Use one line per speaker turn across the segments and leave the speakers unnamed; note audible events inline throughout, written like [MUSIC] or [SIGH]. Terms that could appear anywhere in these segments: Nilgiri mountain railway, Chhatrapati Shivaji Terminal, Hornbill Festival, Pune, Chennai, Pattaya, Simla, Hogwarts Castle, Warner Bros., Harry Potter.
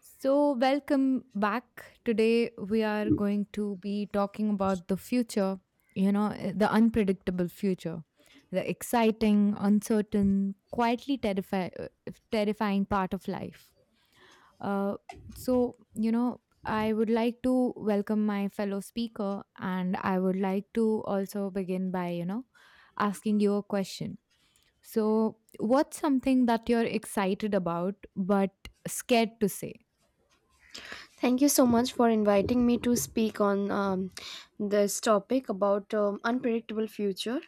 So, welcome back. Today, we are going to be talking about the future, the unpredictable future, the exciting, uncertain, quietly terrifying part of life. Uh, so, I would like to welcome my fellow speaker, and I would like to also begin by, asking you a question. So, what's something that you're excited about but scared to say?
Thank you so much for inviting me to speak on this topic about unpredictable future.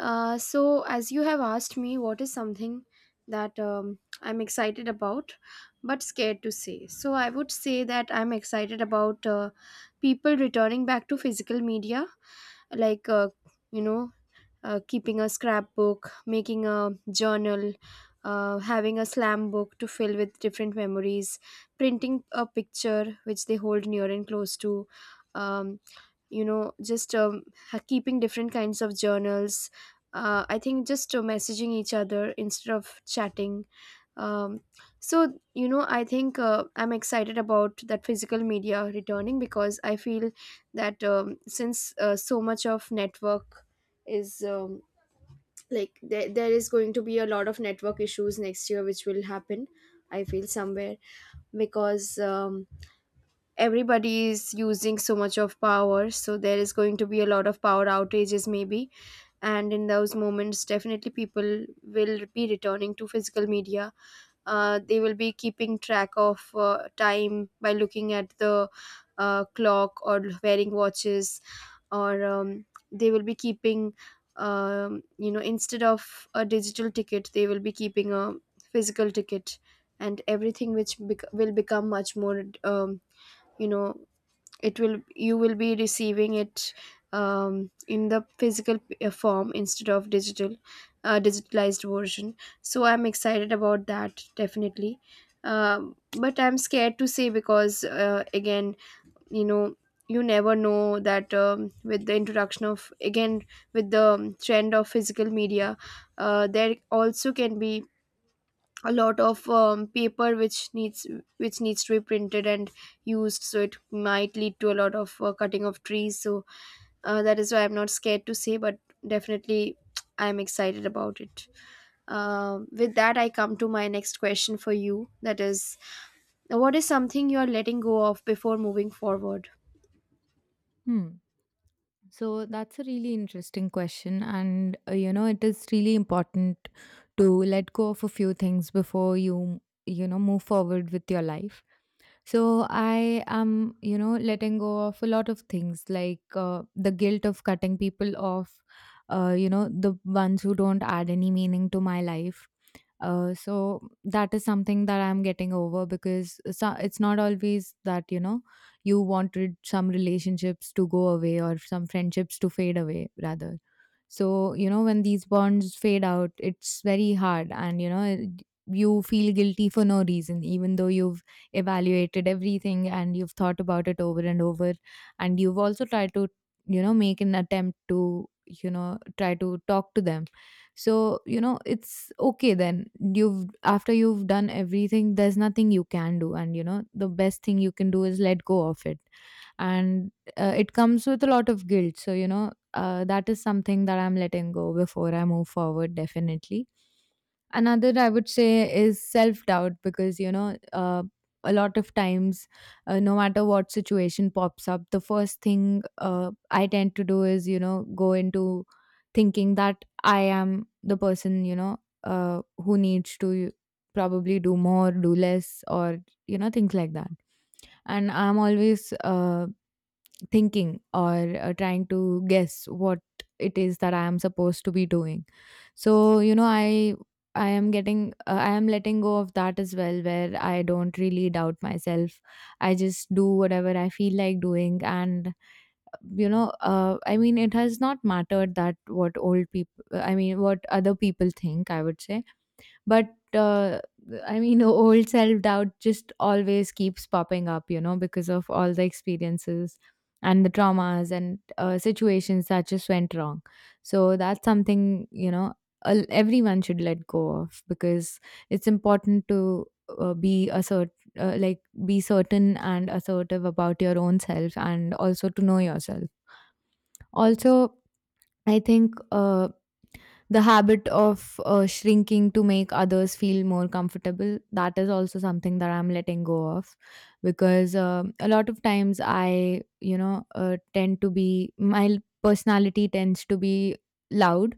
So, as you have asked me, what is something that I'm excited about but scared to say? So, I would say that I'm excited about people returning back to physical media, like you know keeping a scrapbook, making a journal, having a slam book to fill with different memories, printing a picture which they hold near and close to, um, you know, just um, keeping different kinds of journals. I think just messaging each other instead of chatting. Um, so, I think I'm excited about that physical media returning because I feel that since so much of network is like there is going to be a lot of network issues next year which will happen, I feel, somewhere, because everybody is using so much of power, so there is going to be a lot of power outages maybe, and in those moments definitely people will be returning to physical media. They will be keeping track of time by looking at the clock or wearing watches, or they will be keeping, you know, instead of a digital ticket they will be keeping a physical ticket. And everything which will become much more, um, you know it will, you will be receiving it in the physical form instead of digital digitalized version. So I'm excited about that definitely. But I'm scared to say because, again, you know, you never know that, with the introduction of, again, with the trend of physical media, there also can be a lot of paper which needs to be printed and used, so it might lead to a lot of cutting of trees. So that is why I'm not scared to say, but definitely [TSK] I'm excited about it. Um, with that I come to my next question for you, that is, what is something you are letting go of before moving forward?
Hmm. So that's a really interesting question. And, you know, it is really important to let go of a few things before you, you know, move forward with your life. So I am, you know, letting go of a lot of things like the guilt of cutting people off, you know, the ones who don't add any meaning to my life, so that is something that I'm getting over, because it's not always that, you know, you wanted some relationships to go away, or some friendships to fade away rather. So, you know, when these bonds fade out, it's very hard, and you feel guilty for no reason, even though you've evaluated everything, and you've thought about it over and over, and you've also tried to, you know, make an attempt to, you know, try to talk to them. So, you know, it's okay then. You've, after you've done everything, there's nothing you can do, and you know the best thing you can do is let go of it. And it comes with a lot of guilt, so you know, that is something that I'm letting go before I move forward, definitely. Another, I would say, is self doubt, because you know, a lot of times, no matter what situation pops up, the first thing I tend to do is, you know, go into thinking that I am the person, you know, who needs to probably do more, do less, or you know, things like that. And I'm always thinking, or trying to guess what it is that I am supposed to be doing. So you know, I am getting, I am letting go of that as well, where I don't really doubt myself. I just do whatever I feel like doing, and you know, I mean, it has not mattered that what old people I mean, what other people think, I would say. But I mean [LAUGHS] old self doubt just always keeps popping up, you know, because of all the experiences and the traumas, and situations that just went wrong. So that's something, you know, everyone should let go of, because it's important to be assert like, be certain and assertive about your own self, and also to know yourself. Also, I think the habit of shrinking to make others feel more comfortable, that is also something that I'm letting go of, because um, a lot of times, I, you know, tend to be my personality tends to be loud.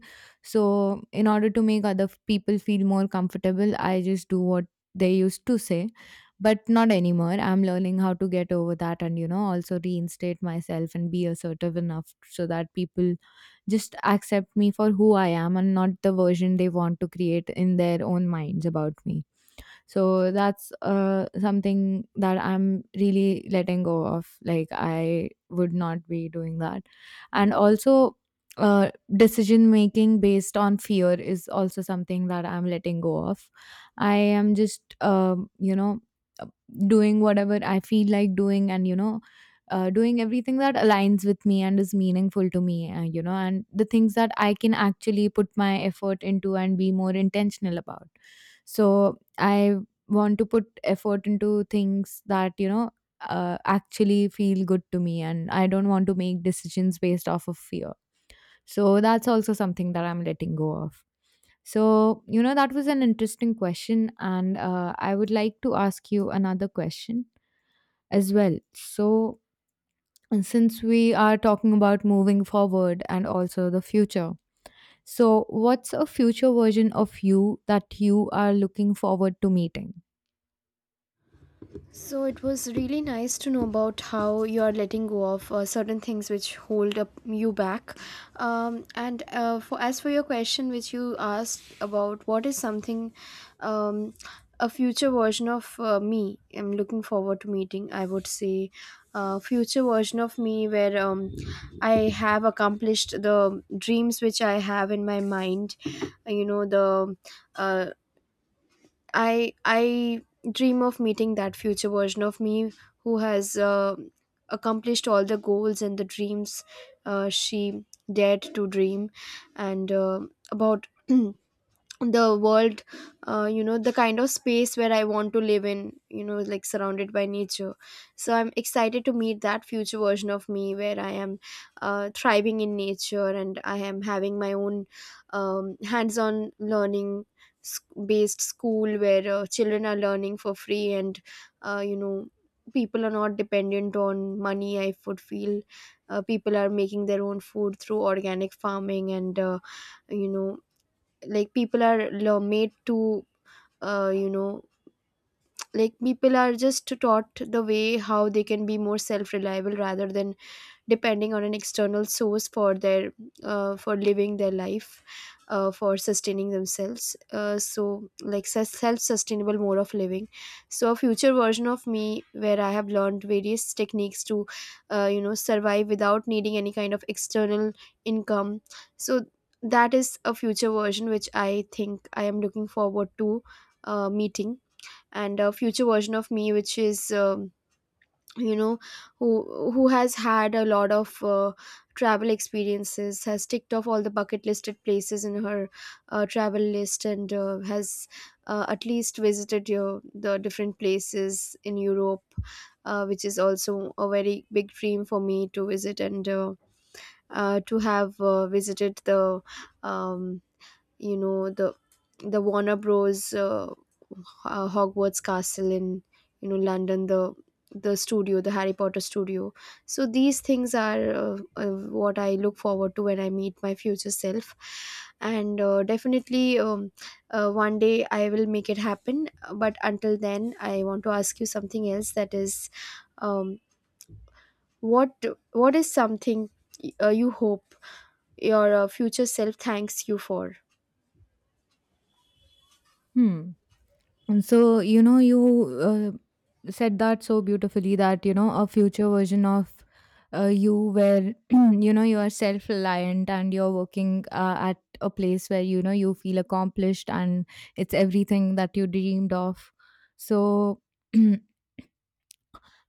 So in order to make people feel more comfortable, I just do what they used to say, but not anymore. I'm learning how to get over that, and you know, also reinstate myself and be assertive enough so that people just accept me for who I am, and not the version they want to create in their own minds about me. So that's something that I'm really letting go of, like I would not be doing that. And also, uh, decision making based on fear is also something that I'm letting go of. I am just you know, doing whatever I feel like doing, and you know, doing everything that aligns with me and is meaningful to me, you know, and the things that I can actually put my effort into and be more intentional about. So I want to put effort into things that, you know, actually feel good to me, and I don't want to make decisions based off of fear. So that's also something that I'm letting go of. So you know, that was an interesting question, and I would like to ask you another question as well. So, and since we are talking about moving forward and also the future, so what's a future version of you that you are looking forward to meeting?
So it was really nice to know about how you are letting go of certain things which hold up you back. And for, as for your question, which you asked about what is something, um, a future version of me, I'm looking forward to meeting. I would say, future version of me where I have accomplished the dreams which I have in my mind. You know, the uh, I dream of meeting that future version of me who has accomplished all the goals and the dreams. She dared to dream, and about [CLEARS THROAT] the world, you know, the kind of space where I want to live in, you know, like surrounded by nature. So I'm excited to meet that future version of me where I am thriving in nature and I am having my own hands-on learning s- based school where children are learning for free, and uh, you know people are not dependent on money, I would feel. People are making their own food through organic farming, and you know like people are made to, uh, you know like people are just taught the way how they can be more self reliable rather than depending on an external source for their for living their life, for sustaining themselves. So like self-sustainable mode of living. So a future version of me where I have learned various techniques to survive without needing any kind of external income. So that is a future version which I think I am looking forward to meeting. And a future version of me which is, um, you know who has had a lot of travel experiences, has ticked off all the bucket listed places in her travel list, and has at least visited your the different places in Europe, which is also a very big dream for me to visit, and to have visited the, um, you know the the Warner Bros. Hogwarts Castle in, you know, London, the studio, the Harry Potter studio. So these things are what I look forward to when I meet my future self, and definitely one day I will make it happen. But until then, I want to ask you something else. That is, um, what what is something you hope your future self thanks you for?
Hmm. And so, you know, you said that so beautifully, that, you know, a future version of you where, [CLEARS THROAT] you know, you are self reliant, and you're working at a place where, you know, you feel accomplished, and it's everything that you dreamed of. So, [CLEARS THROAT]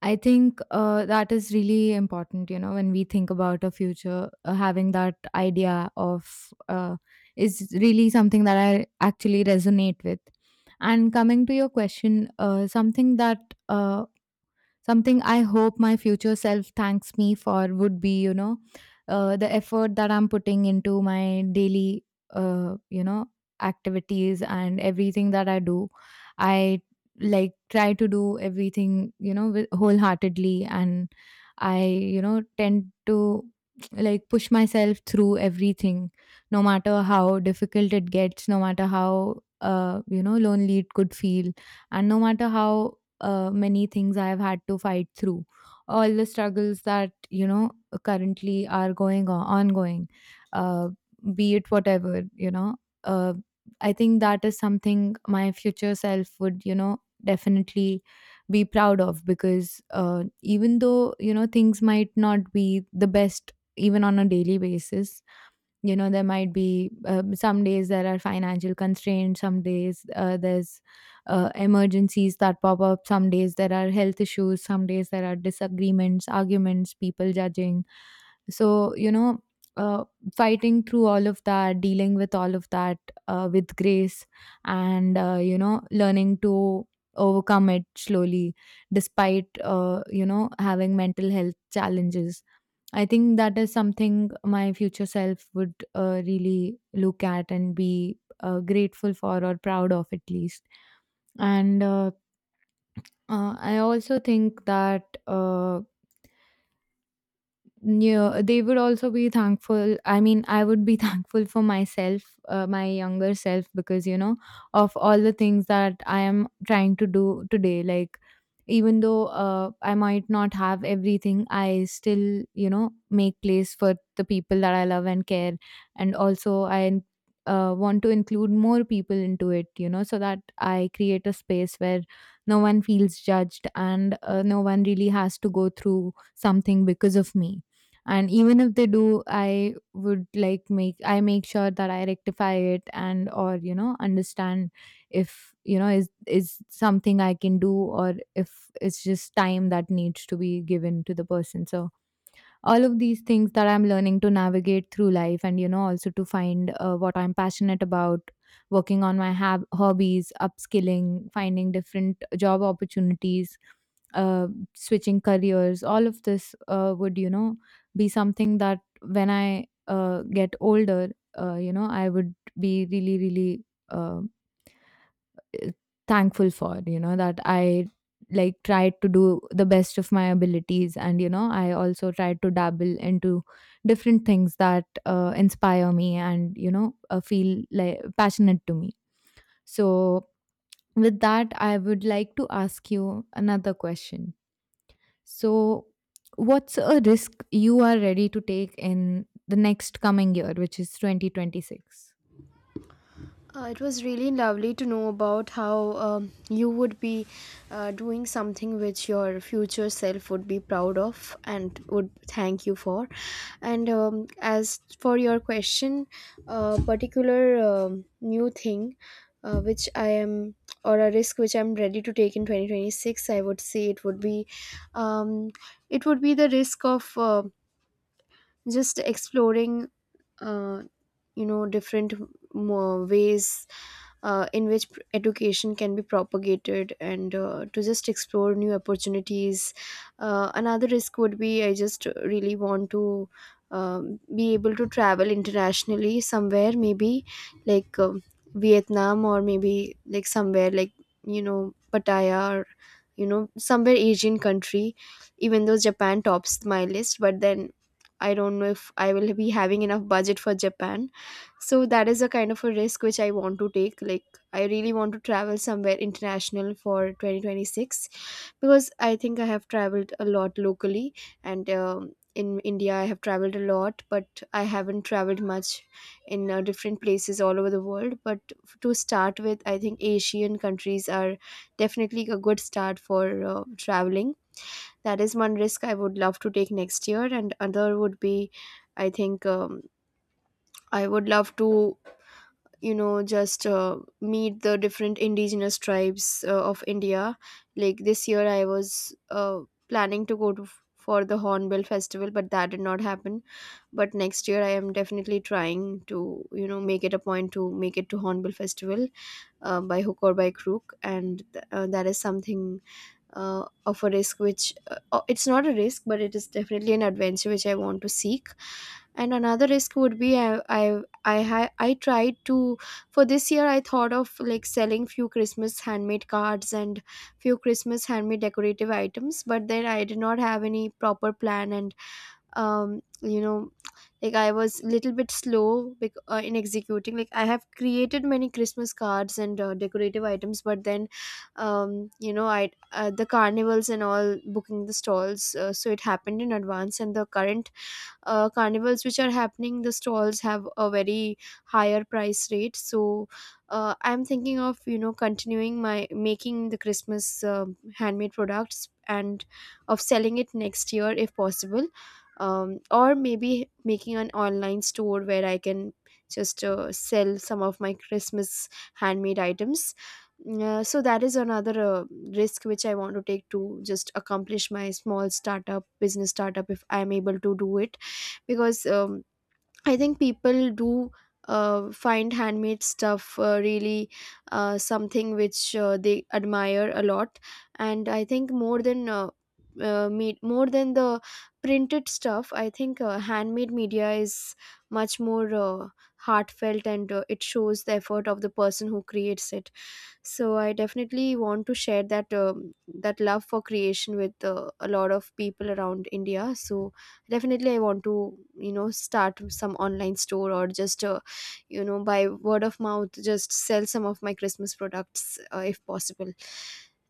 I think that is really important, you know, when we think about a future, having that idea of is really something that I actually resonate with. And coming to your question, something I hope my future self thanks me for would be, you know, the effort that I'm putting into my daily, you know, activities and everything that I do. I like try to do everything, you know, with, wholeheartedly, and I, you know, tend to [TSK] like push myself through everything, no matter how difficult it gets, no matter how, you know, lonely it could feel, and no matter how many things I have had to fight through, all the struggles that, you know, currently are going on, ongoing, uh, be it whatever, you know. Uh, I think that is something my future self would, you know, definitely be proud of, because even though, you know, things might not be the best even on a daily basis, you know, there might be, some days there are financial constraints, some days there's emergencies that pop up, some days there are health issues, some days there are disagreements, arguments, people judging. So you know, uh, fighting through all of that, dealing with all of that with grace, and you know, learning to overcome it slowly, despite you know, having mental health challenges, I think that is something my future self would really look at and be grateful for, or proud of, at least. And I also think that. Yeah, they would also be thankful. I mean, I would be [LAUGHS] thankful for myself, my younger self, because you know, of all the things that I am trying to do today. Like, even though I might not have everything, I still, you know, make place for the people that I love and care. And also, I want to include more people into it, you know, so that I create a space where no one feels judged, and no one really has to go through something because of me. And even if they do, I would like make, I make sure that I rectify it, and or you know, understand if you know, is something I can do, or if it's just time that needs to be given to the person. So all of these things that I'm learning to navigate through life, and you know, also to find what I'm passionate about, working on my hobbies, upskilling, finding different job opportunities, uh, switching careers, all of this would, you know, be something that when I get older, you know, I would be really really uh, thankful for, you know, that I like tried to do the best of my abilities. And you know, I also tried to dabble into different things that inspire me, and you know, feel like passionate to me. So with that, I would like to ask you another question. So, what's a risk you are ready to take in the next coming year, which is 2026?
It was really lovely to know about how you would be doing something which your future self would be proud of and would thank you for. And as for your question, a particular new thing which I am, or a risk which I'm ready to take in 2026, I would say it would be, um, it would be the risk of just exploring uh, you know different ways in which education can be propagated, and to just explore new opportunities. Another risk would be, I just really want to be able to travel internationally somewhere, maybe like Vietnam, or maybe like somewhere like, you know, Pattaya, or, you know, somewhere Asian country. Even though Japan tops my list, but then I don't know if I will be having enough budget for Japan. So that is a kind of a risk which I want to take. Like I really want to travel somewhere international for 2026 because I think I have traveled a lot locally, and in India I have traveled a lot, but I haven't traveled much in different places all over the world. But to start with, I think Asian countries are definitely a good start for traveling. That is one risk I would love to take next year. And other would be, I think I would love to, you know, just meet the different indigenous tribes of India. Like this year I was uh, planning to go to, for the Hornbill Festival, but that did not happen. But next year I am definitely trying to, you know, make it a point to make it to Hornbill Festival by hook or by crook. And that is something of a risk which it's not a risk but it is definitely an adventure which I want to seek. And another risk would be, I tried to, for this year I thought of like selling few Christmas handmade cards and few Christmas handmade decorative items, but then I did not have any proper plan, and um you know like I was a little bit slow in executing. Like I have created many Christmas cards and decorative items, but then, you know I the carnivals and all, booking the stalls, so it happened in advance, and the current carnivals which are happening, the stalls have a very higher price rate. So I'm thinking of, you know, continuing my making the Christmas handmade products and of selling it next year if possible, or maybe making an online store where I can just sell some of my Christmas handmade items. Mm, so that is another risk which I want to take, to just accomplish my small startup, business startup, if I am able to do it, because I think people do find handmade stuff really something which they admire a lot. And I think more than more than the printed stuff, I think handmade media is much more heartfelt, and it shows the effort of the person who creates it. So I definitely want to share that that love for creation with a lot of people around India. So definitely I want to, you know, start some online store, or just you know, by word of mouth just sell some of my Christmas products if possible.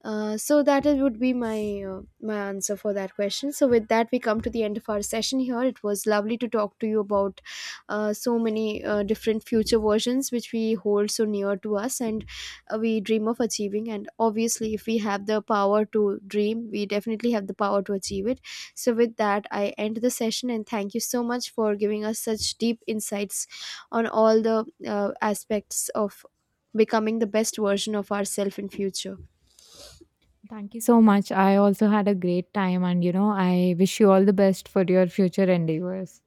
So that would be my my answer for that question. So with that, we come to the end of our session here. It was lovely to talk to you about so many different future versions which we hold so near to us, and we dream of achieving. And obviously if we have the power to dream, we definitely have the power to achieve it. So with that I end the session, and thank you so much for giving us such deep insights on all the aspects of becoming the best version of ourselves in future.
Thank you so much. I also had a great time, and you know, I wish you all the best for your future endeavors.